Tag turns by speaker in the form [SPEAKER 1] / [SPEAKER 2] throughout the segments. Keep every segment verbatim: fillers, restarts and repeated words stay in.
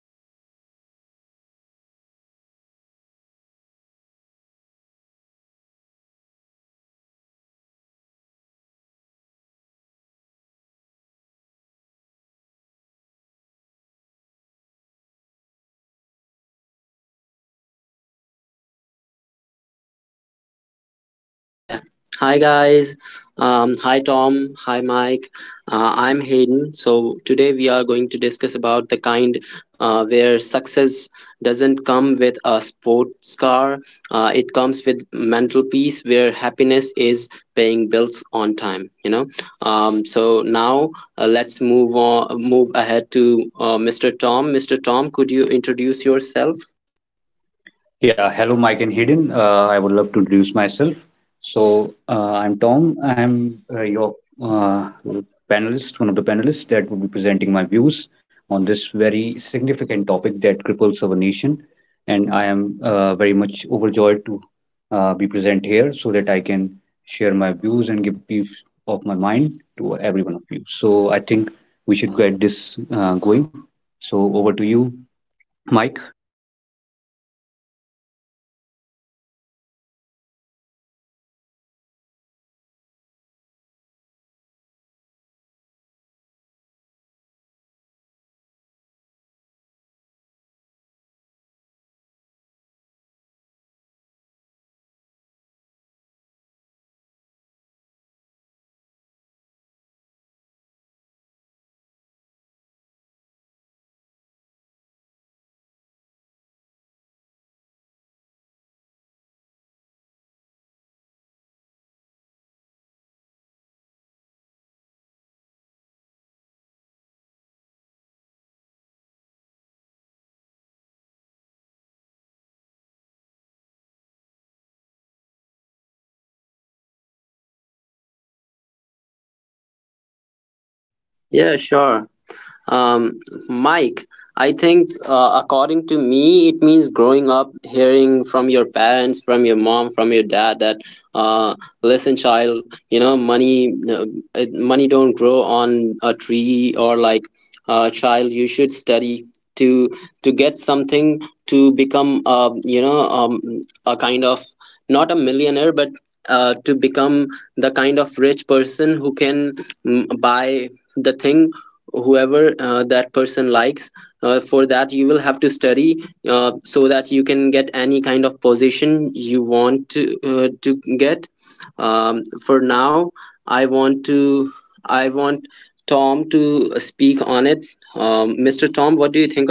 [SPEAKER 1] today's topic is something that almost all of us can relate to middle class struggles and success stories. Not the Instagram stories, but the real ones, the silent ones that nobody really hears about. So, I have today uh, my friends with me, Hayden and Tom. Um, so, Hayden, could you go ahead and introduce yourself?
[SPEAKER 2] Yeah.
[SPEAKER 1] Yeah.
[SPEAKER 2] Hi
[SPEAKER 1] Hi, guys.
[SPEAKER 2] guys. Um, hi Tom. Hi Mike. Uh, I'm Hayden. So today we are going to discuss about the kind uh, where success doesn't come with a sports car. Uh, it comes with mental peace, where happiness is paying bills on time. You know. Um, so now, uh, let's move on. Move ahead to uh, Mister Tom. Mister Tom, could you introduce yourself?
[SPEAKER 3] Yeah, hello, Mike and Hayden. Uh, I would love to introduce myself. So, uh, I'm Tom. I'm uh, your uh, panelist, one of the panelists that will be presenting my views on this very significant topic that cripples our nation. And I am uh, very much overjoyed to uh, be present here so that I can share my views and give peace of my mind to every one of you. So, I think we should get this uh, going. So, over to you, Mike.
[SPEAKER 1] Yes, Tom. Thank you for that. Um, so you're exactly right. Um, because in mid, if you're in middle class, you don't really start from zero. You start from responsibilities. Because when you're born in a middle class family, it is you have either you have something or you have nothing. But you always have something. It's not always zero. So if you are waking up you're born in a middle class family, you always have some small responsibilities, something to take care of. Either it can be your siblings, it can be your parents, it can be your education, it can be a lot of different things. So this is the topic that we'll be talking about. So we'll start from something basic, something simple. What does being middle class actually mean? So Hayden, let's start with you.
[SPEAKER 2] Yeah.
[SPEAKER 1] Yeah,
[SPEAKER 2] Sure.
[SPEAKER 1] sure.
[SPEAKER 2] Um,
[SPEAKER 1] Um,
[SPEAKER 2] Mike, I think, uh, according to me, it means growing up hearing from your parents, from your mom, from your dad that, uh, listen, child, you know, money, uh, it- money don't grow on a tree, or like, uh, child, you should study to to get something, to become, uh, you know, um, a kind of, not a millionaire, but, uh, to become the kind of rich person who can mm, buy the thing whoever, uh, that person likes. Uh, for that you will have to study, uh, so that you can get any kind of position you want to, uh, to get. Um, for now, i want to i want Tom to speak on it. Um, mr. Tom, what do you think?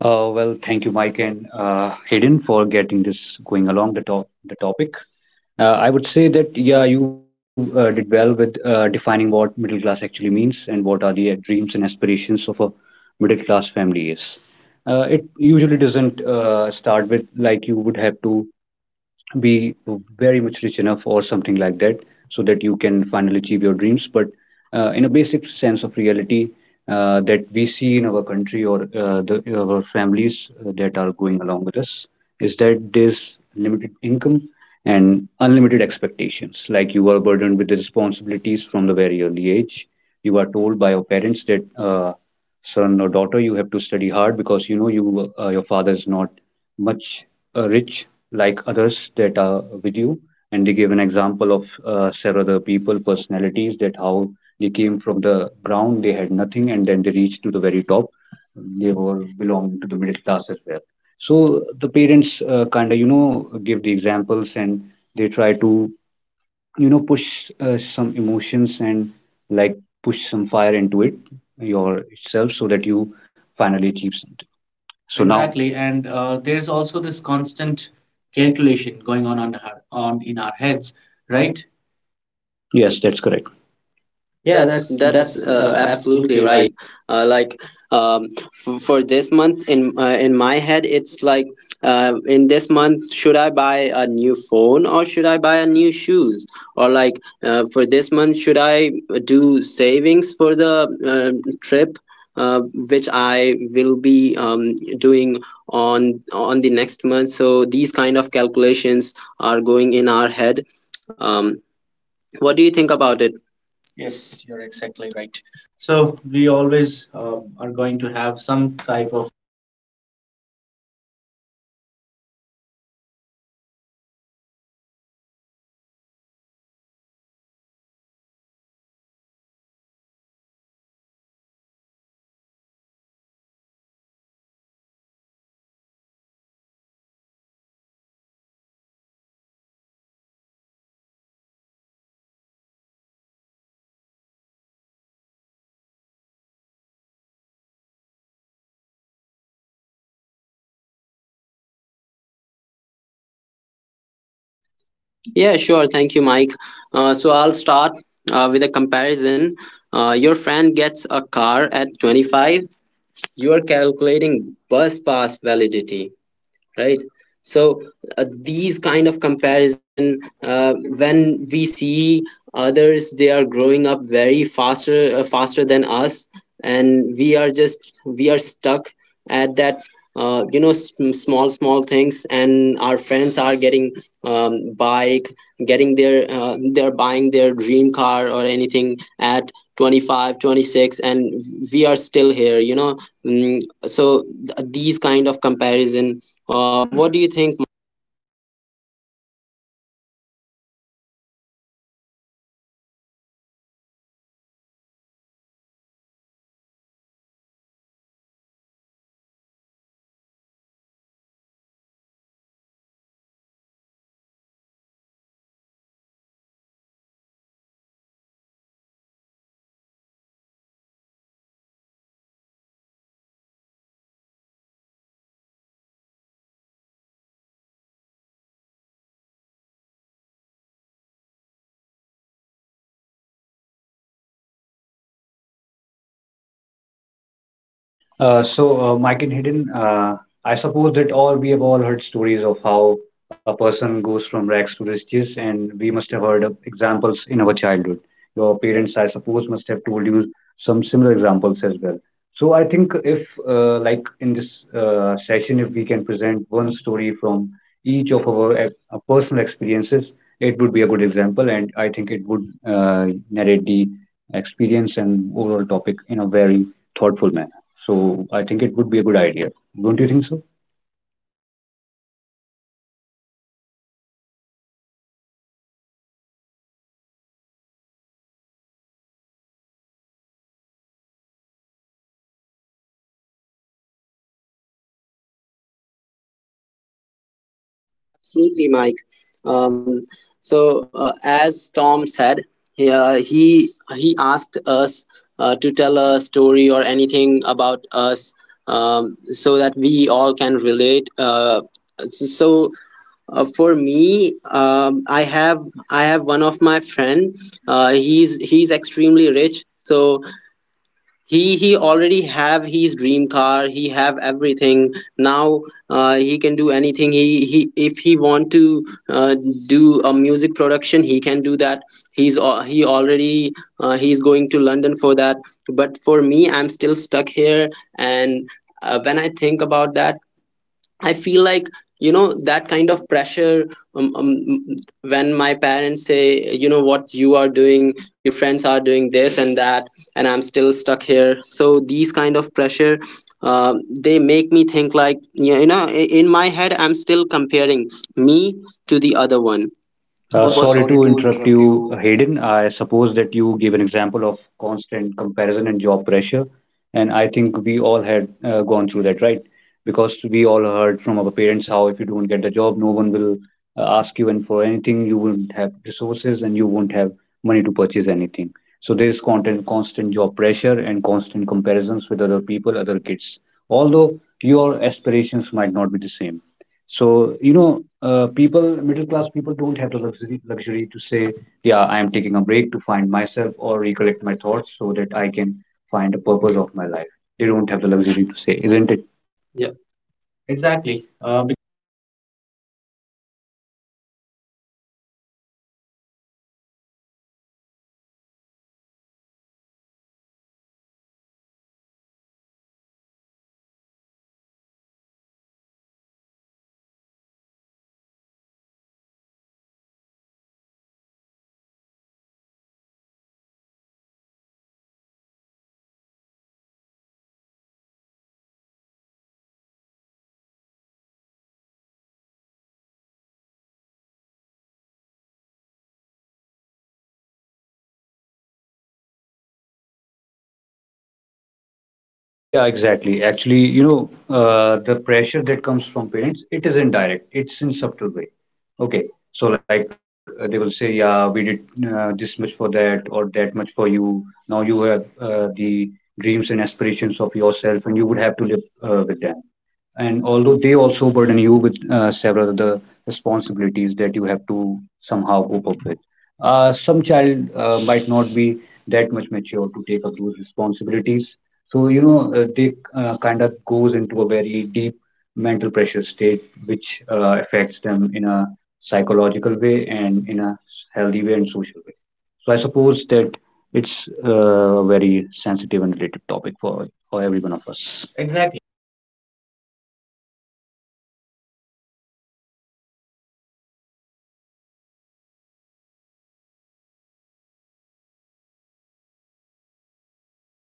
[SPEAKER 3] Uh, well, thank you, Mike and uh, Hayden, for getting this going along the top the topic. Uh, I would say that yeah, you uh, did well with uh, defining what middle class actually means and what are the uh, dreams and aspirations of a middle class family is. Uh, it usually doesn't uh, start with like you would have to be very much rich enough or something like that, so that you can finally achieve your dreams, but uh, in a basic sense of reality, uh, that we see in our country, or uh, the our families uh, that are going along with us, is that there's limited income and unlimited expectations. Like, you are burdened with the responsibilities from the very early age. You are told by your parents that uh, son or daughter, you have to study hard, because you know you uh, your father is not much uh, rich like others that are with you. And they give an example of uh, several other people, personalities, that how they came from the ground, they had nothing, and then they reached to the very top. They were belonging to the middle class as well. So the parents uh, kind of, you know, give the examples, and they try to, you know, push uh, some emotions and, like, push some fire into it yourself, so that you finally achieve something.
[SPEAKER 1] so now,
[SPEAKER 3] So now,
[SPEAKER 1] Exactly,
[SPEAKER 3] exactly,
[SPEAKER 1] and
[SPEAKER 3] and
[SPEAKER 1] uh,
[SPEAKER 3] uh,
[SPEAKER 1] there's
[SPEAKER 3] there's
[SPEAKER 1] also
[SPEAKER 3] also
[SPEAKER 1] this
[SPEAKER 3] this
[SPEAKER 1] constant
[SPEAKER 3] constant
[SPEAKER 1] calculation
[SPEAKER 3] calculation
[SPEAKER 1] going
[SPEAKER 3] going
[SPEAKER 1] on
[SPEAKER 3] on
[SPEAKER 1] on
[SPEAKER 3] on
[SPEAKER 1] her
[SPEAKER 3] our,
[SPEAKER 1] on
[SPEAKER 3] on
[SPEAKER 1] in
[SPEAKER 3] in
[SPEAKER 1] our
[SPEAKER 3] our
[SPEAKER 1] heads,
[SPEAKER 3] heads,
[SPEAKER 1] right?
[SPEAKER 3] right?
[SPEAKER 1] Yes,
[SPEAKER 3] Yes,
[SPEAKER 1] that's
[SPEAKER 3] that's
[SPEAKER 1] correct.
[SPEAKER 3] correct.
[SPEAKER 2] Yeah,
[SPEAKER 1] Yeah,
[SPEAKER 3] Yeah, that's
[SPEAKER 2] that's
[SPEAKER 1] that's that's
[SPEAKER 3] that's
[SPEAKER 2] that's uh,
[SPEAKER 1] uh,
[SPEAKER 3] uh,
[SPEAKER 2] absolutely
[SPEAKER 1] absolutely
[SPEAKER 3] absolutely right.
[SPEAKER 2] right.
[SPEAKER 1] right.
[SPEAKER 2] Uh,
[SPEAKER 1] Uh,
[SPEAKER 2] like, um, f- for this month, in uh, in my head, it's like, uh, in this month, should I buy a new phone or should I buy a new shoes? Or like, uh, for this month, should I do savings for the uh, trip, uh, which I will be um, doing on on the next month? So these kind of calculations are going in our head. Um, what do you think about it?
[SPEAKER 1] Yes, you're exactly right. So
[SPEAKER 3] So
[SPEAKER 1] we
[SPEAKER 3] we always
[SPEAKER 1] always
[SPEAKER 3] uh,
[SPEAKER 1] um,
[SPEAKER 3] are
[SPEAKER 1] are
[SPEAKER 3] going
[SPEAKER 1] going to
[SPEAKER 3] to have
[SPEAKER 1] have some
[SPEAKER 3] some type
[SPEAKER 1] type
[SPEAKER 3] of...
[SPEAKER 1] of calculation, something to think about over our heads. Um, so let's proceed further and let's talk about the daily struggles that people don't really post online, post or letting others know. So because online it is all a fake world. Uh, everybody is trying to project what they want to be or how they want to be perceived as, but not exactly how they actually are. So let's start with uh, this, Hayden. Um, let's start uh, about talking about the daily struggles that people don't really post online. So let's start.
[SPEAKER 2] Yeah, sure. Thank you, Mike. Uh, so I'll start uh, with a comparison. Uh, your friend gets a car at twenty-five. You are calculating bus pass validity, right? So, uh, these kind of comparison, uh, when we see others, they are growing up very faster uh, faster than us, and we are just we are stuck at that, uh, you know s- small small things, and our friends are getting, um, bike, getting their, uh, they're buying their dream car or anything at twenty five, twenty six, and we are still here, you know mm, so th- these kind of comparison, uh, what do you think, Mike?
[SPEAKER 1] Um, you're exactly right. Um, yeah, because yes, because uh, like I said, you're all we are always calculating something. So um, it's the constant comparison within with your friends, your colleagues, your uh, relatives, that it never ends. Like, it you can be um, that you just purchased a flat um, at the age of twenty-five, but uh, there can be your friend, your colleague, or even your cousins that are purchasing mansions at the same age, purchasing uh, going on trips and doing whatever they want to do, right? Uh, tom.
[SPEAKER 3] Uh, so, uh, Mike and Hidden, uh, I suppose that all we have all heard stories of how a person goes from rags to riches, and we must have heard of examples in our childhood. Your parents, I suppose, must have told you some similar examples as well. So, I think if, uh, like in this uh, session, if we can present one story from each of our ex- uh, personal experiences, it would be a good example, and I think it would uh, narrate the experience and overall topic in a very thoughtful manner. So I think it would be a good idea. Don't you think so?
[SPEAKER 1] Yeah, definitely. Um, having a personal topic, it makes it re- relatable, and uh, it makes it easier for the other person to understand and judge uh, where the person is coming from. It will really help us, right, Hayden?
[SPEAKER 2] Absolutely, Mike. Um, so, uh, as Tom said, he uh, he, he asked us, uh, to tell a story or anything about us, um, so that we all can relate. Uh, so, uh, for me, um, I have, I have one of my friend. Uh, he's he's extremely rich. So he he already have his dream car, he have everything now. Uh, he can do anything. He he if he want to, uh, do a music production, he can do that. He's al- he already, uh, he's going to London for that. But for me, I'm still stuck here. And uh, when I think about that, I feel like, you know, that kind of pressure, um, um, when my parents say, you know, what you are doing, your friends are doing this and that, and I'm still stuck here. So these kind of pressure, uh, they make me think, like, you you know i- in my head, I'm still comparing me to the other one.
[SPEAKER 3] Uh, What?
[SPEAKER 2] What?
[SPEAKER 3] Sorry to interrupt you, Hayden. I suppose that you gave an example of constant comparison and job pressure, and I think we all had uh, gone through that, right? Because we all heard from our parents how if you don't get the job, no one will uh, ask you, and for anything, you won't have resources and you won't have money to purchase anything. So there's constant, constant job pressure and constant comparisons with other people, other kids. Although your aspirations might not be the same. So, you know, uh, people, middle class people don't have the luxury, luxury to say, yeah, I am taking a break to find myself or recollect my thoughts so that I can find a purpose of my life. They don't have the luxury to say, isn't it? Yeah,
[SPEAKER 1] Exactly,
[SPEAKER 3] exactly.
[SPEAKER 1] uh,
[SPEAKER 3] Um,
[SPEAKER 1] because this is not an option for the middle class families. So, say I'm taking a break to find myself, because rent doesn't take breaks. It will always continue to um, carry on, to get collected, to get uh, keep on increasing, and unless until and unless we continue with the job, we continue working, continue growing, we will not be able to keep up with the the tide of increasing rents um, each quarter, and um, always finding a problem. Because if you don't work, um, it will be a problem on how to survive, because that's the middle class situation now- in nowadays, right?
[SPEAKER 3] yeah, exactly. Actually, you know, uh, the pressure that comes from parents, it is indirect. It's in subtle way. Okay, so like uh, they will say, yeah, we did uh, this much for that or that much for you. Now you have uh, the dreams and aspirations of yourself, and you would have to live uh, with them. And although they also burden you with uh, several other responsibilities that you have to somehow cope up with. Uh, some child uh, might not be that much mature to take up those responsibilities. So, you know, uh, they uh, kind of goes into a very deep mental pressure state, which uh, affects them in a psychological way and in a healthy way and social way.
[SPEAKER 1] So I
[SPEAKER 3] So I
[SPEAKER 1] suppose
[SPEAKER 3] suppose
[SPEAKER 1] that
[SPEAKER 3] that it's uh, a very sensitive and related
[SPEAKER 1] topic
[SPEAKER 3] topic
[SPEAKER 1] for
[SPEAKER 3] for,
[SPEAKER 1] for
[SPEAKER 3] for
[SPEAKER 1] every
[SPEAKER 3] every
[SPEAKER 1] one
[SPEAKER 3] one
[SPEAKER 1] of
[SPEAKER 3] of
[SPEAKER 1] us.
[SPEAKER 3] us.
[SPEAKER 1] Exactly, because you know, um, parents don't exactly want to pressure their children, but it is something that happens automatically, because they are also going to the same situation as we are. The children are, so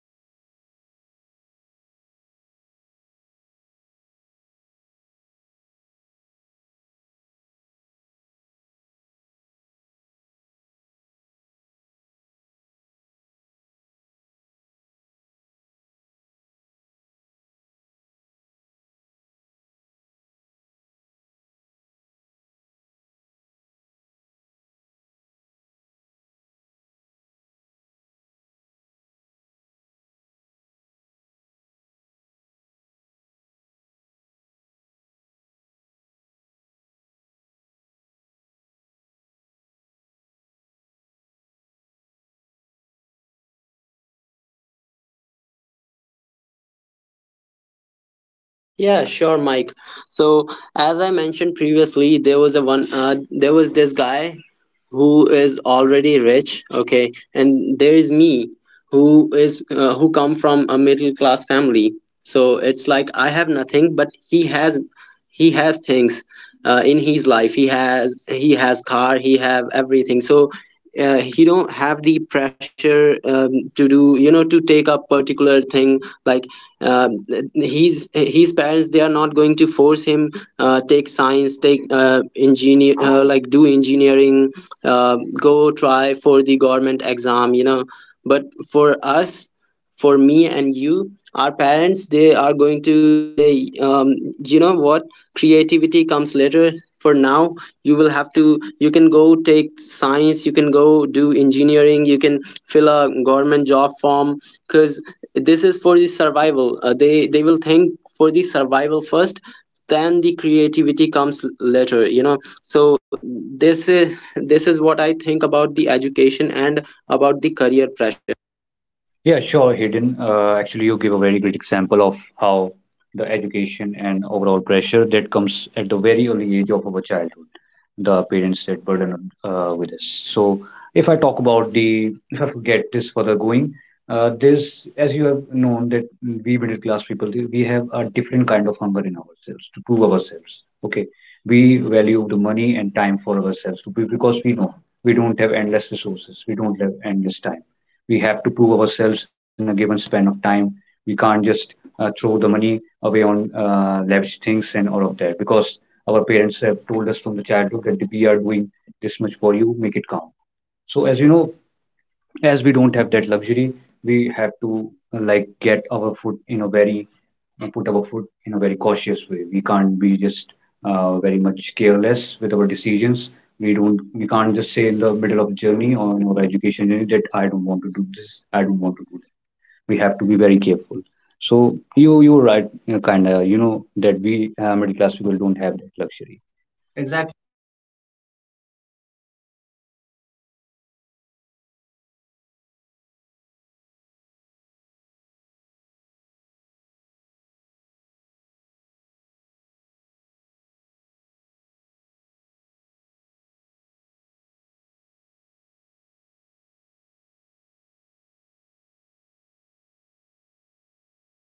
[SPEAKER 1] because you could say, uh, uh, I'm sure everybody has heard this sentence that we are not doing this for ourselves, we are doing this for you. The parents are doing this for their children, but that single sentence can fuel a lifetime of uh, mental pressure um, that is not easy to move on to. So um, I'm sure we can continue talking about this topic all day long, but as we are tight on time, so we'll have to move on to the next topic. So next topic uh, that we'll be uh, talking about is education and career pressure. That what is education? How education is supposed to be freedom, but for middle class families, it is survival. So, Hayden, um, could you just um, give us a brief explanation about this? Yeah,
[SPEAKER 2] Yeah,
[SPEAKER 1] sure.
[SPEAKER 2] sure, Mike. So, as I mentioned previously, there was a one, uh, there was this guy who is already rich, okay, and there is me who is uh, who come from a middle class family. So it's like I have nothing, but he has he has things uh, in his life. He has he has car, he have everything. So, uh, he don't have the pressure, um, to do, you know to take up particular thing, like, uh, his his parents they are not going to force him, uh, take science, take, uh, engineer uh, like do engineering, uh, go try for the government exam, you know but for us, for me and you, our parents they are going to say, um, you know what, creativity comes later. For now, you will have to you can go take science, you can go do engineering, you can fill a government job form, because this is for the survival. Uh, they they will think for the survival first, then the creativity comes later you know So this is this is what I think about the education and about the career pressure.
[SPEAKER 3] Yeah, sure, Hayden. Uh, actually, you give a very great example of how the education and overall pressure that comes at the very early age of our childhood, the parents that burden uh, with us. So, if I talk about the, if I forget this further going, uh, this, as you have known, that we middle class people, we have a different kind of hunger in ourselves to prove ourselves. Okay, we value the money and time for ourselves to be, because we know we don't have endless resources, we don't have endless time. We have to prove ourselves in a given span of time. We can't just uh, throw the money away on uh, lavish things and all of that, because our parents have told us from the childhood that we are doing this much for you, make it count. So as you know, as we don't have that luxury, we have to uh, like get our food in a very uh, put our foot in a very cautious way. We can't be just uh, very much careless with our decisions. We don't. We can't just say in the middle of the journey or in our education journey that I don't want to do this. I don't want to do that. We have to be very careful. So you you're right, you know, kind of. You know that we uh, middle class people don't have that luxury. Exactly.
[SPEAKER 1] Exactly, um, because luxury comes with privilege, privilege comes with power, Pri- power comes with money. So that is why when the parents say uh, the creativity comes last, because you cannot really think about art on an empty stomach. You you cannot think that about saving art or um, making art when you don't even know what to eat or if you will be getting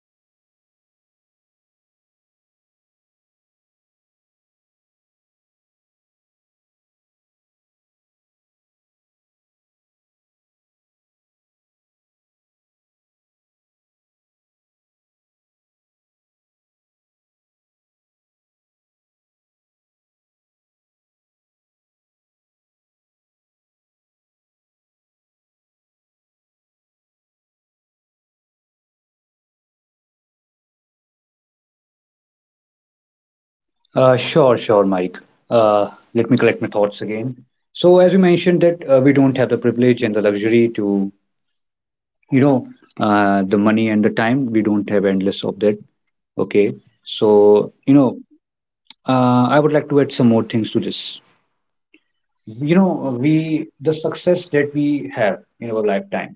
[SPEAKER 1] um, anything to eat in the first place. So that is why creativity comes last, because uh, for parents the f- up the first and upmost si- thing is making money, ensuring the survival of the family, making sure that everybody has something to eat, something to drink, and then we'll think about what comes next. So that is why these are really, really um, important uh, topics that really hit home. So, Tom, can you continue with this? Um, let's speak a little more on this topic. Uh,
[SPEAKER 3] Uh,
[SPEAKER 1] sure,
[SPEAKER 3] sure,
[SPEAKER 1] sure,
[SPEAKER 3] sure,
[SPEAKER 1] Mike.
[SPEAKER 3] Mike. Uh, Let me collect my thoughts again. So, as you mentioned, that uh, we don't have the privilege and the luxury to, you know, uh, the money and the time, we don't have endless of that. Okay, so, you know, uh, I would like to add some more things to this. You know, we the success that we have in our lifetime,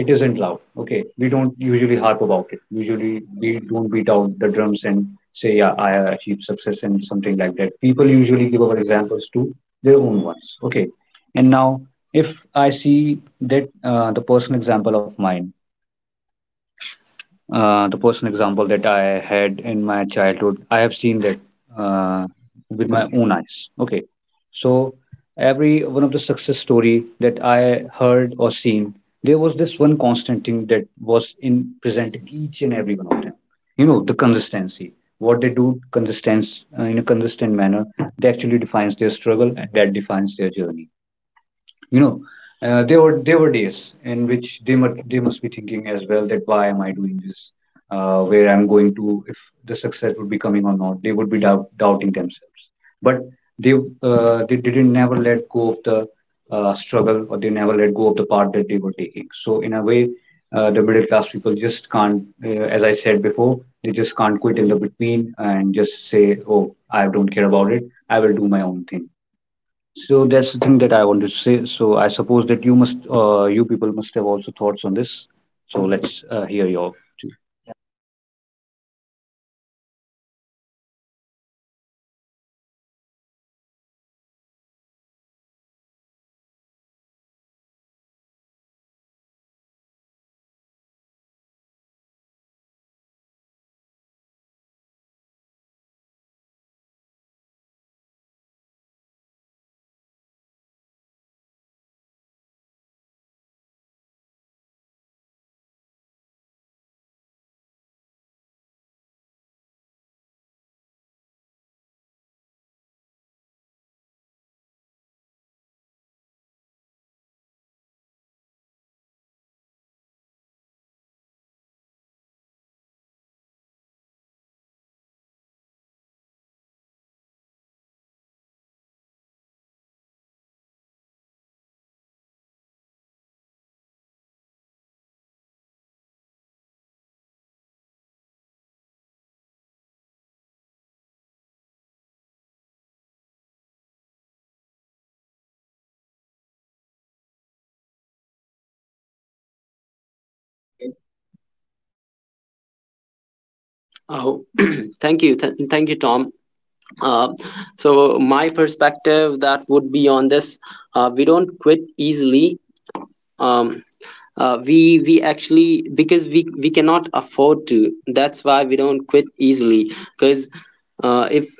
[SPEAKER 3] it isn't loud. Okay, we don't usually harp about it. Usually we don't beat out the drums and say, yeah, I achieved success and something like that. People usually give our examples to their own ones. Okay, and now, if I see that uh, the personal example of mine... Uh, the personal example that I had in my childhood, I have seen that uh, with my own eyes. Okay, so every one of the success story that I heard or seen, there was this one constant thing that was in present in each and every one of them. You know, the consistency. What they do, consistence uh, in a consistent manner, that actually defines their struggle and that defines their journey, you know. Uh, there were there were days in which they must they must be thinking as well that why am I doing this, uh, where I'm going to, if the success would be coming or not. They would be doubt, doubting themselves, but they uh, they didn't never let go of the uh, struggle, or they never let go of the part that they were taking. So in a way, uh, the middle class people just can't, uh, as I said before, they just can't quit in the between and just say, oh, I don't care about it, I will do my own thing. So that's the thing that I wanted to say. So I suppose that you must, uh, you people must have also thoughts on this. So let's
[SPEAKER 1] Uh,
[SPEAKER 3] uh, hear
[SPEAKER 1] hear you out.
[SPEAKER 3] your.
[SPEAKER 1] Yeah, you were exactly right. Um, so, in everybody's life, um, there comes a time when the struggle um, is just there and it just never ceases to stop. Um, because it's not just a struggle, it's a part of life for middle class families. So, that is why um, this topic will continue, um, as it is such a large topic and um, very close to home. Um, however, we have to continue uh, moving on as we have a lot of important topics as well um, that we would like to cover and make sure everybody has um, at, heard at least some points on those topics. Um, so, next point that uh, we'll continue with is when struggling starts shaping success. Uh, when does that happen? So, because uh, the struggle also has uh, the you know uh, the- an, another side, that struggle also builds something powerful. It is not just uh, f- the losing side. It is also, it is also something that helps us build and become powerful and become mentally strong. So let's speak on this topic. Um, so Hayden, I'll hand over the mic to you. Please go ahead.
[SPEAKER 2] Oh, thank you, Th- thank you, Tom. Uh, so my perspective that would be on this: uh, we don't quit easily. Um, uh, we we actually, because we we cannot afford to. That's why we don't quit easily. Because, uh, if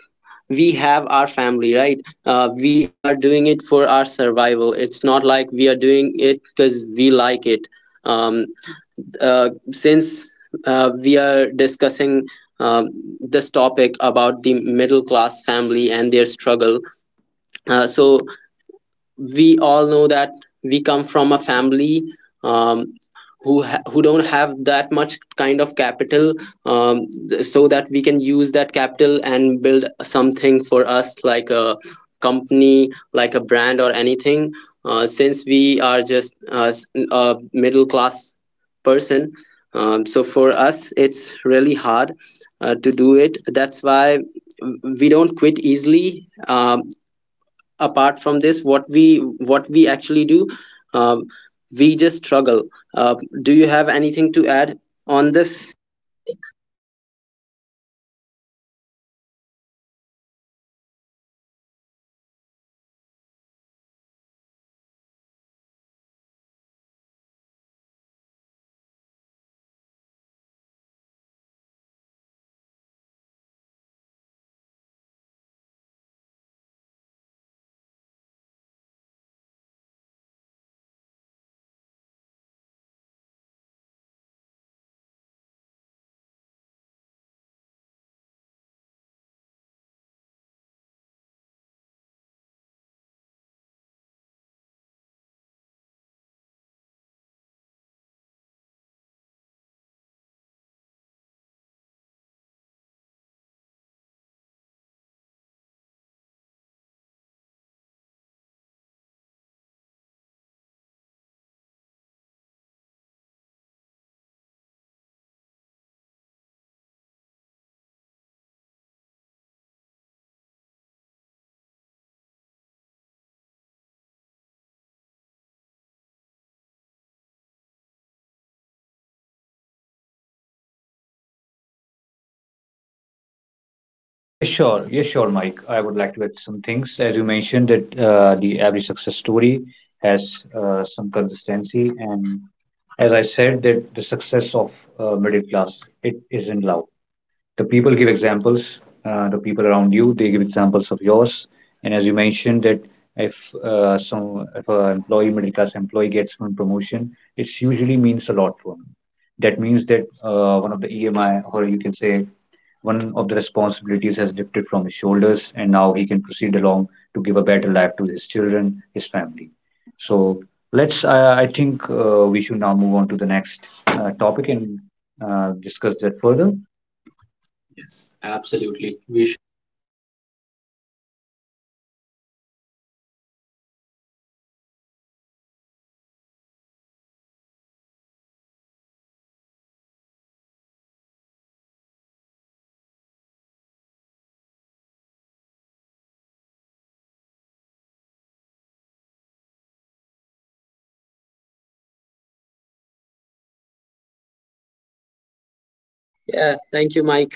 [SPEAKER 2] we have our family, right, uh, we are doing it for our survival. It's not like we are doing it because we like it. um, uh, since uh, we are discussing, um, this topic about the middle class family and their struggle, uh, so we all know that we come from a family, um, who ha- who don't have that much kind of capital, um, th- so that we can use that capital and build something for us, like a company, like a brand or anything. Uh, since we are just, uh, s- a middle class person, um, so for us it's really hard, uh, to do it. That's why we don't quit easily. Um, apart from this, what we what we actually do, um, we just struggle. uh, do you have anything to add on this?
[SPEAKER 1] Absolutely. um, I really liked something that you just said, that we don't quit easily because we can't afford to. It's is as simple as that. Because if we quit, um, somebody could get hurt, somebody could die. Because um, working isn't just survival; it is uh, completely important. It's so important that, um, let's say if you stop working today, and if you don't have money or savings, you would you don't know if you will be able to eat or have something to eat um, tomorrow or day after tomorrow, or what will your family do about it. So that is why middle class um, families do get successful, because, and very strong, um, because uh, the middle class success isn't loud, it's steady, it's incremental. It's one promotion at a time, one E M I cleared at a time, and one responsibility lifted at a time, which also helps build confidence, which helps build our um, determination and uh, uh, all the things that are required to be successful. So let's continue on, uh, and I'll hand this over to Tom. I'm sure he has some things that he would like to add.
[SPEAKER 3] Yes, sure. Yes, sure, Mike. I would like to add some things. As you mentioned, that uh, the every success story has uh, some consistency, and as I said, that the success of uh, middle class, it is isn't loud. The people give examples, uh, the people around you, they give examples of yours. And as you mentioned that, if uh, some, if a employee middle class employee gets one promotion, it usually means a lot to him. That means that uh, one of the E M I, or you can say one of the responsibilities, has lifted from his shoulders, and now he can proceed along to give a better life to his children, his family. So let's I I think uh, we should now move on to the next uh, topic, and uh, discuss that further. Yes,
[SPEAKER 1] Yes,
[SPEAKER 3] absolutely.
[SPEAKER 1] absolutely.
[SPEAKER 3] We
[SPEAKER 1] We
[SPEAKER 3] should.
[SPEAKER 1] should, um, because the next topic is, um, it's a very important topic because, and I am sure people would really like this, because uh, the topic is realistic success stories. Um, so we, let's talk about real success, not the viral success, because success. I'm sure how everybody knows how important it is to middle class families. So Hayden, um, let's start with you.
[SPEAKER 2] Yeah, thank you, Mike.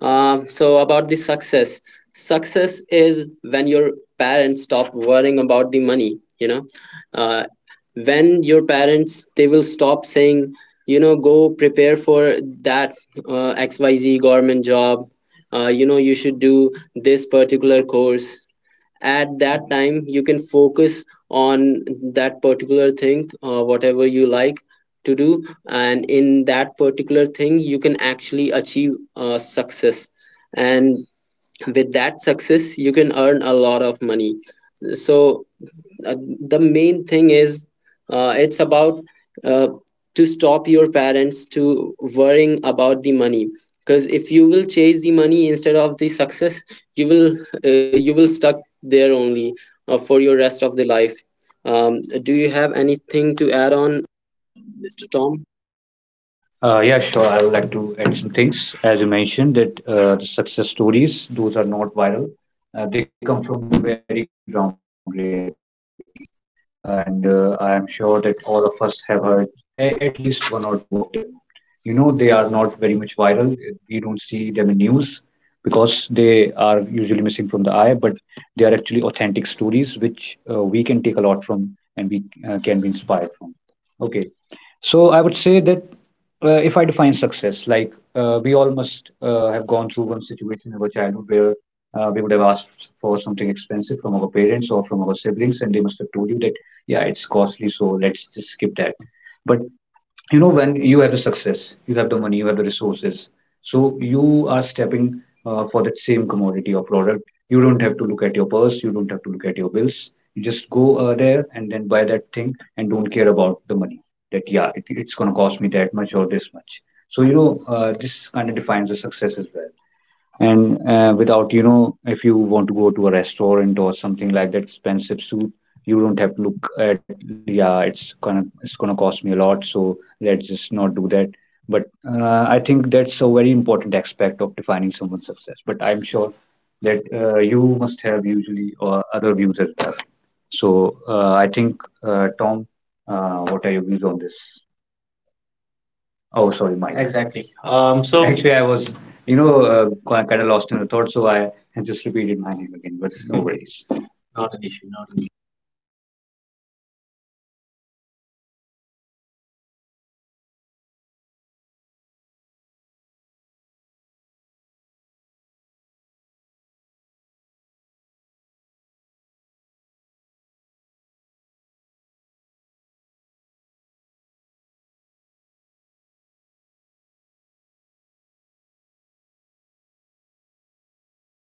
[SPEAKER 2] Um, so about the success, success is when your parents stop worrying about the money, you know uh, when your parents they will stop saying, you know, go prepare for that, uh, X Y Z government job, uh, you know you should do this particular course. At that time you can focus on that particular thing, uh, whatever you like to do. And in that particular thing you can actually achieve, uh, success, and with that success you can earn a lot of money. So, uh, the main thing is, uh, it's about, uh, to stop your parents to worrying about the money, because if you will chase the money instead of the success, you will uh, you will stuck there only, uh, for your rest of the life. Um, do you have anything to add on, Mr. Tom?
[SPEAKER 3] Uh, yeah, sure. I would like to add some things. As you mentioned, that uh, the success stories, those are not viral. Uh, they come from the very ground reality. Uh, and uh, I am sure that all of us have heard a- at least one or two of them. You know, they are not very much viral. We don't see them in news because they are usually missing from the eye, but they are actually authentic stories which uh, we can take a lot from and we uh, can be inspired from. Okay. So I would say that uh, if I define success, like uh, we all must uh, have gone through one situation in our childhood where uh, we would have asked for something expensive from our parents or from our siblings, and they must have told you that, yeah, it's costly, so let's just skip that. But you know, when you have the success, you have the money, you have the resources, so you are stepping uh, for that same commodity or product. You don't have to look at your purse, you don't have to look at your bills. You just go uh, there and then buy that thing and don't care about the money, that yeah, it, it's going to cost me that much or this much. So you know, uh, this kind of defines the success as well. And uh, without, you know, if you want to go to a restaurant or something like that, expensive suit, you don't have to look at yeah, it's gonna it's gonna cost me a lot, so let's just not do that. But uh, I think that's a very important aspect of defining someone's success. But I'm sure that uh, you must have usually or other views as well. So uh, i think uh, Tom, uh, what are your views on this?
[SPEAKER 1] Oh,
[SPEAKER 3] Oh,
[SPEAKER 1] sorry,
[SPEAKER 3] sorry,
[SPEAKER 1] Mike.
[SPEAKER 3] Mike.
[SPEAKER 1] Exactly.
[SPEAKER 3] Exactly.
[SPEAKER 1] Um,
[SPEAKER 3] Um,
[SPEAKER 1] so
[SPEAKER 3] so
[SPEAKER 1] Actually, I
[SPEAKER 3] actually, I
[SPEAKER 1] was,
[SPEAKER 3] was,
[SPEAKER 1] you
[SPEAKER 3] you
[SPEAKER 1] know,
[SPEAKER 3] know,
[SPEAKER 1] uh,
[SPEAKER 3] uh,
[SPEAKER 1] kind of
[SPEAKER 3] kind of
[SPEAKER 1] lost in
[SPEAKER 3] lost
[SPEAKER 1] the
[SPEAKER 3] in the
[SPEAKER 1] thought,
[SPEAKER 3] thought,
[SPEAKER 1] so I
[SPEAKER 3] so I
[SPEAKER 1] I
[SPEAKER 3] I
[SPEAKER 1] just
[SPEAKER 3] just
[SPEAKER 1] repeated
[SPEAKER 3] repeated
[SPEAKER 1] my
[SPEAKER 3] my
[SPEAKER 1] name
[SPEAKER 3] name
[SPEAKER 1] again.
[SPEAKER 3] again,
[SPEAKER 1] But
[SPEAKER 3] but
[SPEAKER 1] no
[SPEAKER 3] no
[SPEAKER 1] worries.
[SPEAKER 3] worries.
[SPEAKER 1] Not an
[SPEAKER 3] Not an
[SPEAKER 1] issue.
[SPEAKER 3] issue.
[SPEAKER 1] Not an
[SPEAKER 3] Not an issue.
[SPEAKER 1] issue. Um, so I'm sure um, we all have heard a lot of stories, uh, realistic actually stories. Um, so one of the story that I would like to uh, share with everybody, um, one of the stories is about a man uh, from a place um, not close by um, from where we are right now. Um, the per- the person he uh, was really struggling in life, um, because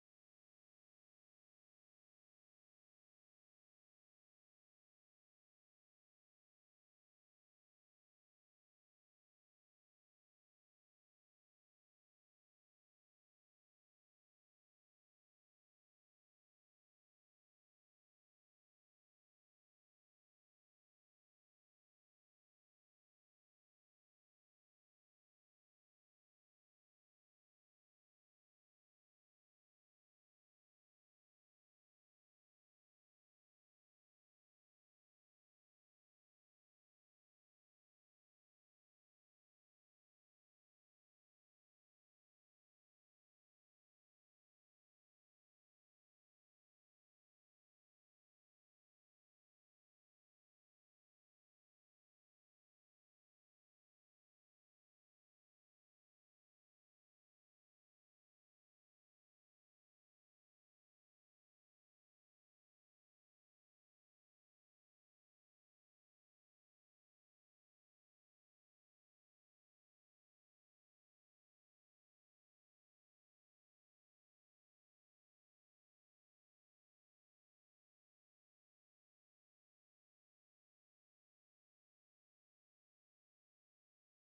[SPEAKER 1] he was not rich. He was driving a cab, um, in a city which was not a met- metropolitan city, so he was not making a lot of money, um, just driving a cab, um, and he was married, um, had two kids. So he was always worrying about what to do um, when his kids grow up, uh, because he does not have money to send them to college or get them married. Um, as you know, uh, middle class families um, they have to take care of each other. So he was lot of under pressure uh, by from himself that to do something to make a change in his life. So what he saw was he lived near the mountains, um, so he did not have uh, one time he was uh, walking outside his house, and it suddenly started raining, and because of mud and rain, um, his shoes got wet and he was really, um, got a fever. He had to uh, he couldn't work for a few days uh, because of high fever, and which was not good for him and, or his, or his family. So what happened was, um, he started thinking about this, like, how many different people are affected by this, because they do not have money. Um, they cannot work properly because it's cold,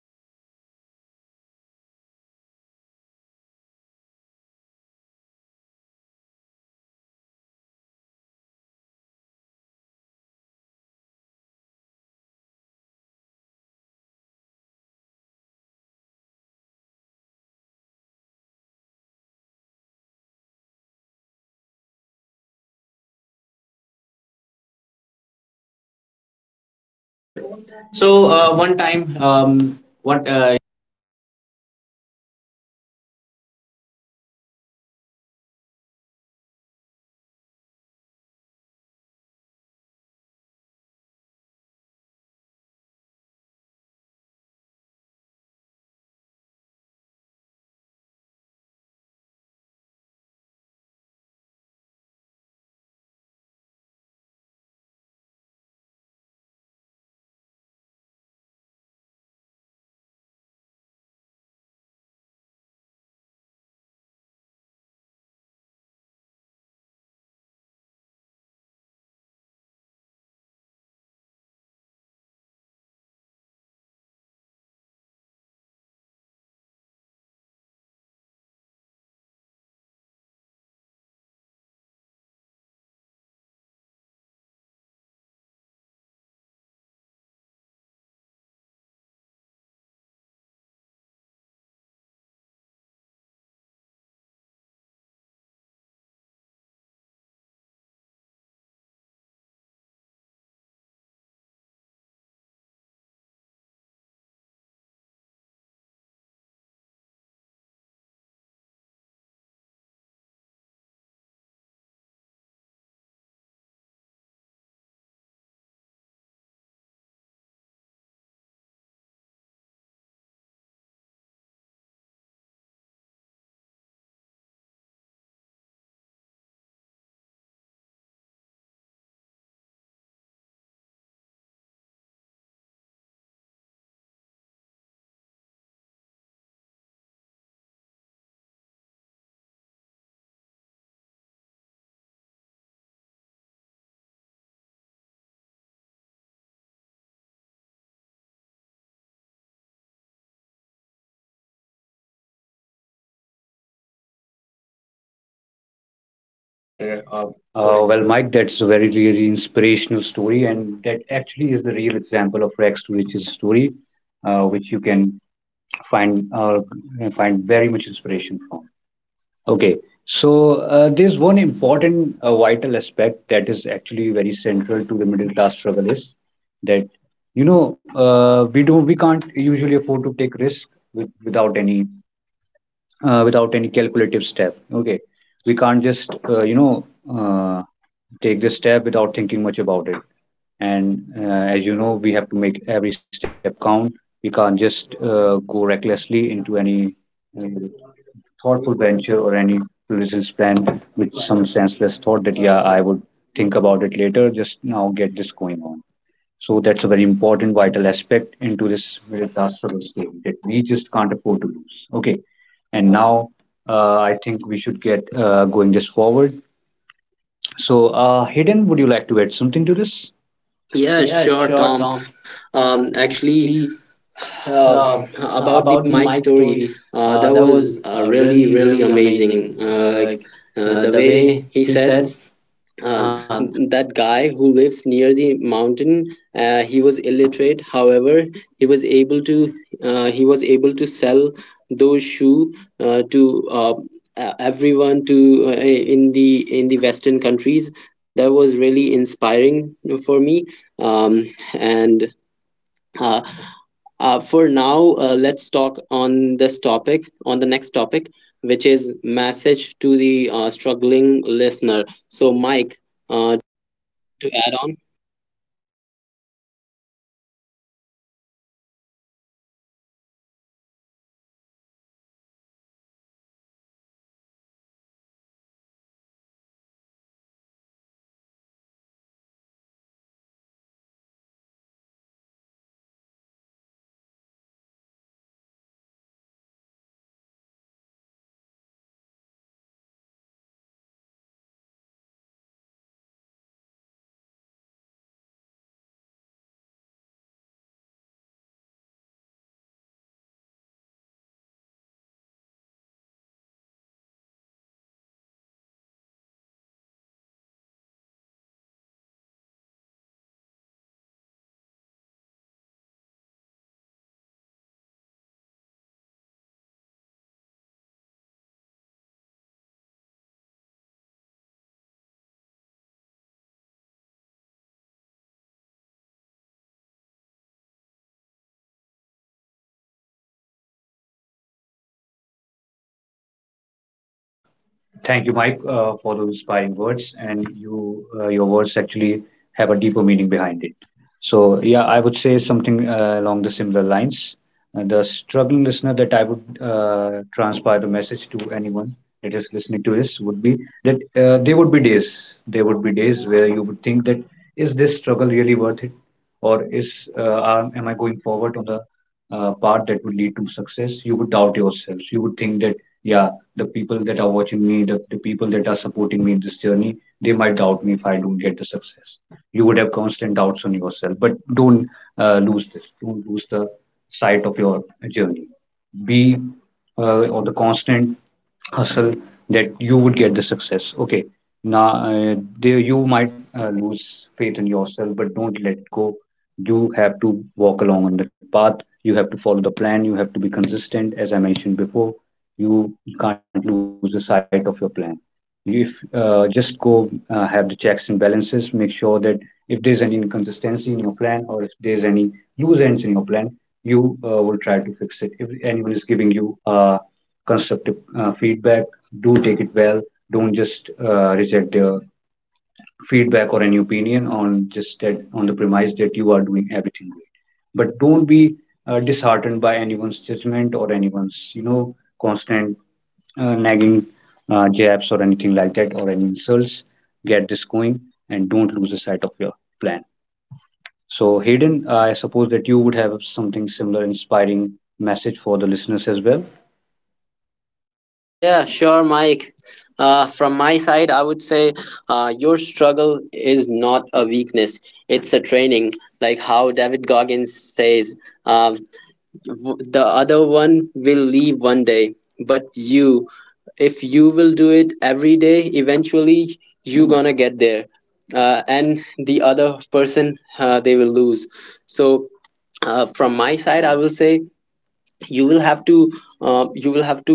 [SPEAKER 1] it's raining. What can be done about this? What can I do to make sure this does not happen? Because he was thinking about uh, because he had a lot of things in mind, what to do, uh, what um type of business should he start, how can he make more money that he is making right now, to ensure that his children gets a good, um, uh, success, good, uh, money, good things to go
[SPEAKER 3] Go on.
[SPEAKER 1] on
[SPEAKER 3] With—
[SPEAKER 1] with. So
[SPEAKER 3] So
[SPEAKER 1] uh,
[SPEAKER 3] uh,
[SPEAKER 1] one
[SPEAKER 3] one
[SPEAKER 1] time,
[SPEAKER 3] time,
[SPEAKER 1] um,
[SPEAKER 3] um, what
[SPEAKER 1] what uh,
[SPEAKER 3] uh,
[SPEAKER 1] he was checking on YouTube how to make shoes on his own. So um, at that time he was able to also seeing a lot of pollution around him, lot of garbage and everything like that. So he had an idea that plastic is so readily available, it is everywhere. Uh, you could not walk the street without at spotting, um, at least a one plastic bag um every few minutes. So he had an idea, why not make uh, shoes from the leftover plastic? Why not we do that? Uh, because uh, plastic will have great insulation, um, it will protect from uh, the water or humidity. And um, if we c- they can make a good layers, and uh, think of some things, um, they can good make may, they might be able to make a money, he was just thinking that. So he started working on it while still working as a, uh driver. He was able to uh, collect save some money and started working on technology, uh, by watching YouTube videos. And it took him two over two years to finally get a good product ready, which he could sell. So uh, you can imagine a person who is illiterate, who did not have a proper education, um, had something in his mind that he wanted to do something better for his family. And um, he what only thing that he had was his dedication and, uh, strong will. And he was able to um, start the company, he was able to sell the products. And now uh, you can imagine, after five years his company is the biggest supplier for boots to Russian government. So you can imagine um, people even in the cold, uh, really really cold places, actually start trusting his product. Even though he does not himself live in a mountain, it- exactly, he lives near the mountain, yet even the people on mountain trust his product. So that says something about the dedication and will. And, and I'm sure everybody else will have better
[SPEAKER 3] better uh,
[SPEAKER 1] uh,
[SPEAKER 3] uh, stories?
[SPEAKER 1] stories Uh,
[SPEAKER 3] Well,
[SPEAKER 1] as well,
[SPEAKER 3] Mike, that's a
[SPEAKER 1] well.
[SPEAKER 3] very, really inspirational story, and that actually is the real example of rags to riches story, uh, which you can find uh, find very much inspiration from. Okay, so uh, there's one important uh, vital aspect that is actually very central to the middle class struggle, is that you know, uh, we don't we can't usually afford to take risk with, without any uh, without any calculative step. Okay, we can't just uh, you know uh, take this step without thinking much about it. And uh, as you know, we have to make every step count. We can't just uh, go recklessly into any uh, thoughtful venture or any business plan with some senseless thought that yeah, I would think about it later, just now get this going on. So that's a very important, vital aspect into this Virtasavas game that we just can't afford to lose. Okay, and now uh, I think we should get uh, going this forward. So, uh, Hayden, would you like to add something to this? Yeah,
[SPEAKER 2] Yeah,
[SPEAKER 3] sure,
[SPEAKER 2] sure,
[SPEAKER 3] Tom.
[SPEAKER 2] Tom.
[SPEAKER 3] Um,
[SPEAKER 2] Um,
[SPEAKER 3] actually,
[SPEAKER 2] actually, uh,
[SPEAKER 3] uh, about
[SPEAKER 2] about
[SPEAKER 3] the
[SPEAKER 2] the
[SPEAKER 3] Mike
[SPEAKER 2] Mike story,
[SPEAKER 3] story, uh,
[SPEAKER 2] uh,
[SPEAKER 3] that
[SPEAKER 2] that
[SPEAKER 3] was
[SPEAKER 2] was,
[SPEAKER 3] uh,
[SPEAKER 2] uh,
[SPEAKER 3] really,
[SPEAKER 2] really
[SPEAKER 3] really
[SPEAKER 2] really
[SPEAKER 3] amazing.
[SPEAKER 2] amazing,
[SPEAKER 3] Uh,
[SPEAKER 2] uh,
[SPEAKER 3] like
[SPEAKER 2] like,
[SPEAKER 3] uh,
[SPEAKER 2] uh,
[SPEAKER 3] the
[SPEAKER 2] the
[SPEAKER 3] way
[SPEAKER 2] way
[SPEAKER 3] he
[SPEAKER 2] he said,
[SPEAKER 3] said.
[SPEAKER 2] uh,
[SPEAKER 3] Uh,
[SPEAKER 2] that guy who lives near the mountain, uh, he was illiterate. However, he was able to, uh, he was able to sell those shoe, uh, to, uh, e- everyone, to, uh, in the in the western countries. That was really inspiring for me. Um, and uh, uh, for now, uh, let's talk on this topic, on the next topic, which is message to the, uh, struggling listener. So Mike, uh, to add on?
[SPEAKER 1] Absolutely. So this is really a good topic, uh, because we, I'm sure we always all have uh, struggling listeners right now, even listening uh, to this podcast and hearing our stories about how the success stories, how the daily struggles and everything uh, feels like. So if someone is listening right now and if you feel stuck, um, please know that your struggle itself is not a weakness, it's a training. This is something you have to get used to, so it helps you become better and stronger. Do not think of a we- uh, str- your struggle as something uh, that is a disadvantage to you. And uh, think of it as an advantage, and it will help you move forward. So you're not behind anybody, you're just building slowly. It may take time, but you'll get there eventually. So do not worry about this. Please continue moving forward. Do not give up. That's the good message that I would like to share. Um, and Tom, what would you like to add?
[SPEAKER 3] thank you, Mike, uh, for those inspiring words. And you, uh, your words actually have a deeper meaning behind it. So yeah, I would say something uh, along the similar lines. Uh, the struggling listener that I would uh, transpire the message to anyone that is listening to this would be that uh, there would be days, there would be days where you would think that, is this struggle really worth it, or is uh, am am I going forward on the uh, path that would lead to success? You would doubt yourself. You would think that yeah, the people that are watching me, the, the people that are supporting me in this journey, they might doubt me if I don't get the success. You would have constant doubts on yourself. But don't uh, lose this. Don't lose the sight of your journey. Be uh, on the constant hustle, that you would get the success. Okay, now uh, there you might uh, lose faith in yourself, but don't let go. You have to walk along on that path. You have to follow the plan. You have to be consistent, as I mentioned before. You can't lose the sight of your plan. If uh, just go uh, have the checks and balances, make sure that if there's any inconsistency in your plan, or if there's any loose ends in your plan, you uh, will try to fix it. If anyone is giving you uh, constructive uh, feedback, do take it well. Don't just uh, reject their feedback or any opinion on just that, on the premise that you are doing everything great. But don't be uh, disheartened by anyone's judgment or anyone's, you know, constant uh, nagging uh, jabs or anything like that, or any insults. Get this going, and don't lose the sight of your plan. So, Hayden, I suppose that you would have something similar inspiring message for the listeners as well.
[SPEAKER 2] Yeah, sure, Mike. Uh, from my side, I would say, uh, your struggle is not a weakness, it's a training. Like how David Goggins says, uh, w- the other one will leave one day, but you, if you will do it every day, eventually you gonna get there. Uh, and the other person, uh, they will lose. So, uh, from my side, I will say, you will have to, uh, you will have to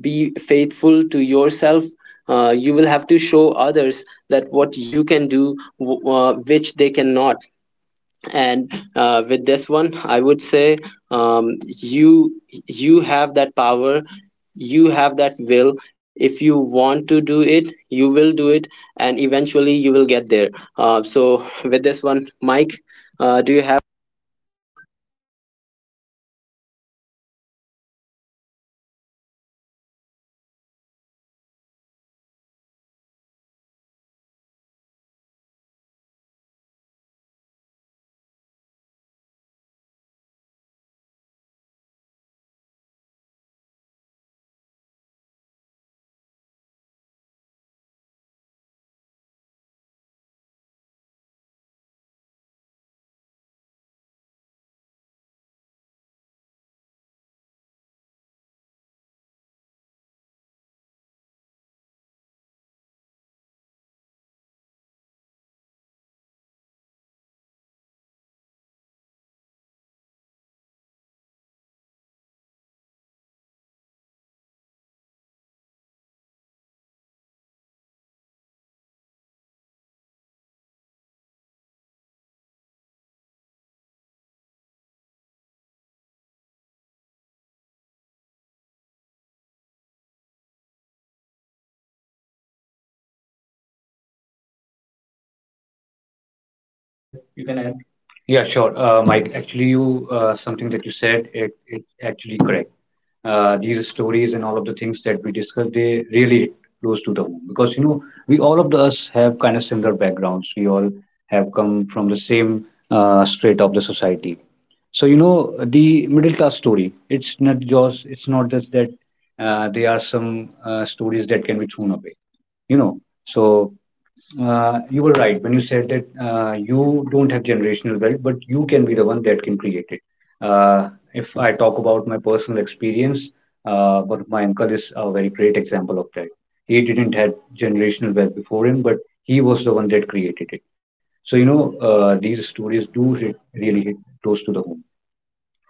[SPEAKER 2] be faithful to yourself. Uh, you will have to show others that what you can do, w- uh, which they cannot. And uh, with this one I would say, um, you, you have that power, you have that will, if you want to do it, you will do it, and eventually you will get there. Uh, so with this one, Mike, uh, do you have—
[SPEAKER 1] Um, Yes, exactly. Um, I always like to say something, that where there's a will, there's a way. So never give up. And um, uh, also something that my pa- father used to say, that you may not have generational wealth, but you can become the generation that creates it. So do not worry, um, keep going. And as the our timing is limited, uh, we are coming to the end, uh, to the podcast. So I'm sure everybody knows, this uh, episode must have felt really personal, because it is, because everybody um, knows the struggles, everybody has gone through the struggles. That is why this is very important, um, and everybody felt really personal about this, um, because every middle class story matters, even the quiet ones, because you might not, you might not hear about them, but that does not mean make it any less important. So um, I'm sure, um, Hayden and Tom will have something and would like to add something before coming to the end. So, uh, Tom, go
[SPEAKER 3] Go
[SPEAKER 1] ahead,
[SPEAKER 3] ahead,
[SPEAKER 1] you
[SPEAKER 3] you
[SPEAKER 1] can
[SPEAKER 3] can
[SPEAKER 1] add.
[SPEAKER 3] add. Yeah,
[SPEAKER 1] Yeah,
[SPEAKER 3] sure. Uh, Mike, actually, you uh, something that you said, it, it's actually correct. Uh, these stories and all of the things that we discuss, they really close to the home, because you know, we, all of us have kind of similar backgrounds. We all have come from the same uh, strata of the society. So you know, the middle class story, It's not just it's not just that uh, there are some uh, stories that can be thrown away. You know, so uh, you were right when you said that uh, you don't have generational wealth, but you can be the one that can create it. Uh, if I talk about my personal experience, uh, one of my uncle is a very great example of that. He didn't have generational wealth before him, but he was the one that created it. So, you know, uh, these stories do hit, really hit close to the home.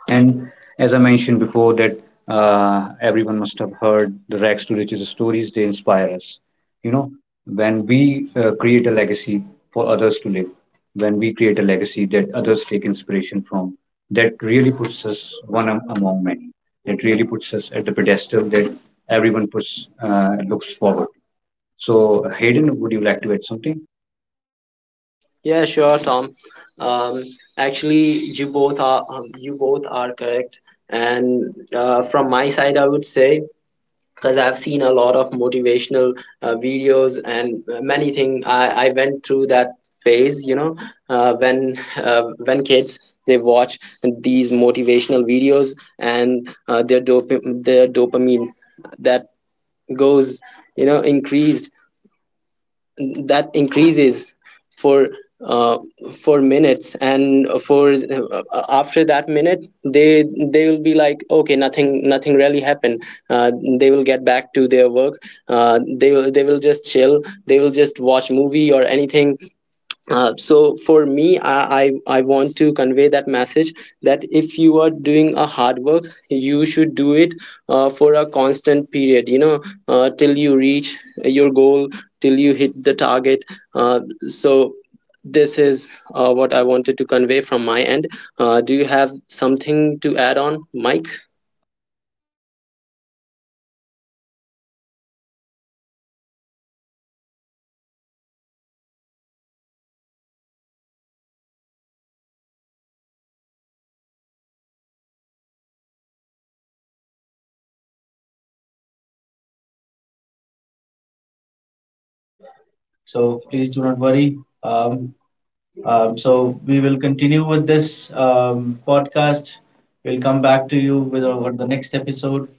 [SPEAKER 3] And as I mentioned before, that uh, everyone must have heard the rags to riches stories, they inspire us. You know, when we uh, create a legacy for others to live, when we create a legacy that others take inspiration from, that really puts us one am- among many. That really puts us at the pedestal that everyone puts uh, looks forward. So, Hayden, would you like to add something?
[SPEAKER 2] Yeah, sure, Tom. Um, Actually, you both are um, you both are correct. And uh, from my side, I would say, because I've seen a lot of motivational, uh, videos and, uh, many things. I, I went through that phase, you know, uh, when uh, when kids they watch these motivational videos, and, uh, their, dop- their dopamine that goes, you know, increased, that increases for, uh, for minutes, and for uh, after that minute, they they will be like, okay, nothing nothing really happened. uh, they will get back to their work. Uh, they will they will just chill, they will just watch movie or anything. Uh, so for me, I, I i want to convey that message, that if you are doing a hard work, you should do it, uh, for a constant period, you know, uh, till you reach your goal, till you hit the target. Uh, so this is, uh, what I wanted to convey from my end. Uh, do you have something to add on, Mike?
[SPEAKER 1] Mike. I think that would be all. Um, I'm sure everybody had a lot to say about this. Um, I'm- so, I would ask our listeners to please share this episode with someone who's struggling silently. Um, and I want everybody to remember, middle class dreams don't die, they just take longer to achieve it. That is it.
[SPEAKER 3] So
[SPEAKER 1] So
[SPEAKER 3] please
[SPEAKER 1] please
[SPEAKER 3] do
[SPEAKER 1] do
[SPEAKER 3] not
[SPEAKER 1] not
[SPEAKER 3] worry.
[SPEAKER 1] worry.
[SPEAKER 3] Um,
[SPEAKER 1] Um,
[SPEAKER 3] Um,
[SPEAKER 1] um,
[SPEAKER 3] so
[SPEAKER 1] so
[SPEAKER 3] we
[SPEAKER 1] we
[SPEAKER 3] will
[SPEAKER 1] will
[SPEAKER 3] continue
[SPEAKER 1] continue
[SPEAKER 3] with
[SPEAKER 1] with
[SPEAKER 3] this
[SPEAKER 1] this
[SPEAKER 3] um,
[SPEAKER 1] um,
[SPEAKER 3] podcast.
[SPEAKER 1] podcast. We'll
[SPEAKER 3] We'll come
[SPEAKER 1] come
[SPEAKER 3] back
[SPEAKER 1] back
[SPEAKER 3] to
[SPEAKER 1] to
[SPEAKER 3] you
[SPEAKER 1] you with
[SPEAKER 3] with over
[SPEAKER 1] over the
[SPEAKER 3] the
[SPEAKER 1] next
[SPEAKER 3] next episode.
[SPEAKER 1] episode.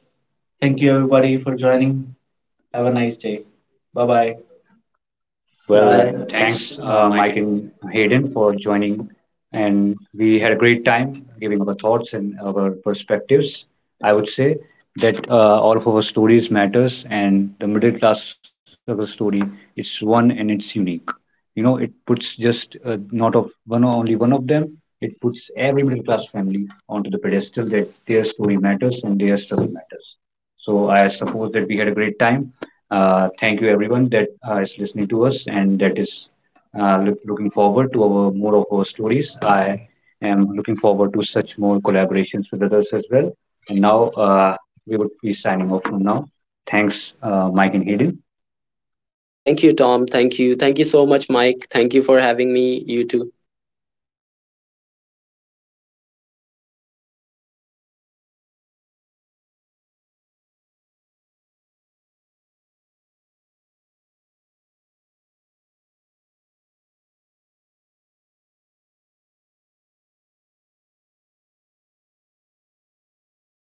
[SPEAKER 3] Thank
[SPEAKER 1] Thank
[SPEAKER 3] you,
[SPEAKER 1] you,
[SPEAKER 3] everybody,
[SPEAKER 1] everybody,
[SPEAKER 3] for
[SPEAKER 1] for
[SPEAKER 3] joining.
[SPEAKER 1] joining. Have
[SPEAKER 3] Have
[SPEAKER 1] a
[SPEAKER 3] a nice
[SPEAKER 1] nice
[SPEAKER 3] day.
[SPEAKER 1] day. Bye
[SPEAKER 3] Bye bye.
[SPEAKER 1] bye.
[SPEAKER 3] Well,
[SPEAKER 2] Bye.
[SPEAKER 3] bye. Thanks, uh, Mike and Hayden, for joining. And we had a great time giving our thoughts and our perspectives. I would say that uh, all of our stories matters, and the middle class struggle story, it's one and it's unique. You know, it puts just uh, not of one only one of them. It puts every middle class family onto the pedestal that their story matters and their struggle matters. So I suppose that we had a great time. Uh, thank you everyone that uh, is listening to us and that is uh, look, looking forward to our more of our stories. I am looking forward to such more collaborations with others as well. And now uh, we would be signing off from now. Thanks, uh, Mike and Hayden.
[SPEAKER 2] Thank you,
[SPEAKER 1] Thank you,
[SPEAKER 2] Tom.
[SPEAKER 1] Tom.
[SPEAKER 2] Thank
[SPEAKER 1] Thank
[SPEAKER 2] you.
[SPEAKER 1] you.
[SPEAKER 2] Thank you
[SPEAKER 1] Thank you
[SPEAKER 2] so
[SPEAKER 1] so
[SPEAKER 2] much,
[SPEAKER 1] much, Mike.
[SPEAKER 2] Mike. Thank you
[SPEAKER 1] Thank you
[SPEAKER 2] for
[SPEAKER 1] for
[SPEAKER 2] having
[SPEAKER 1] having me.
[SPEAKER 2] me. You
[SPEAKER 1] You
[SPEAKER 2] too.
[SPEAKER 1] too. Yes, and thank you for adding those uh, special words. I'm sure everybody really appreciated them. And um, as just I just said, please take a look around everybody. Uh, please make sure if anybody is struggling, that uh, we at least try to give them a hand. And bye bye.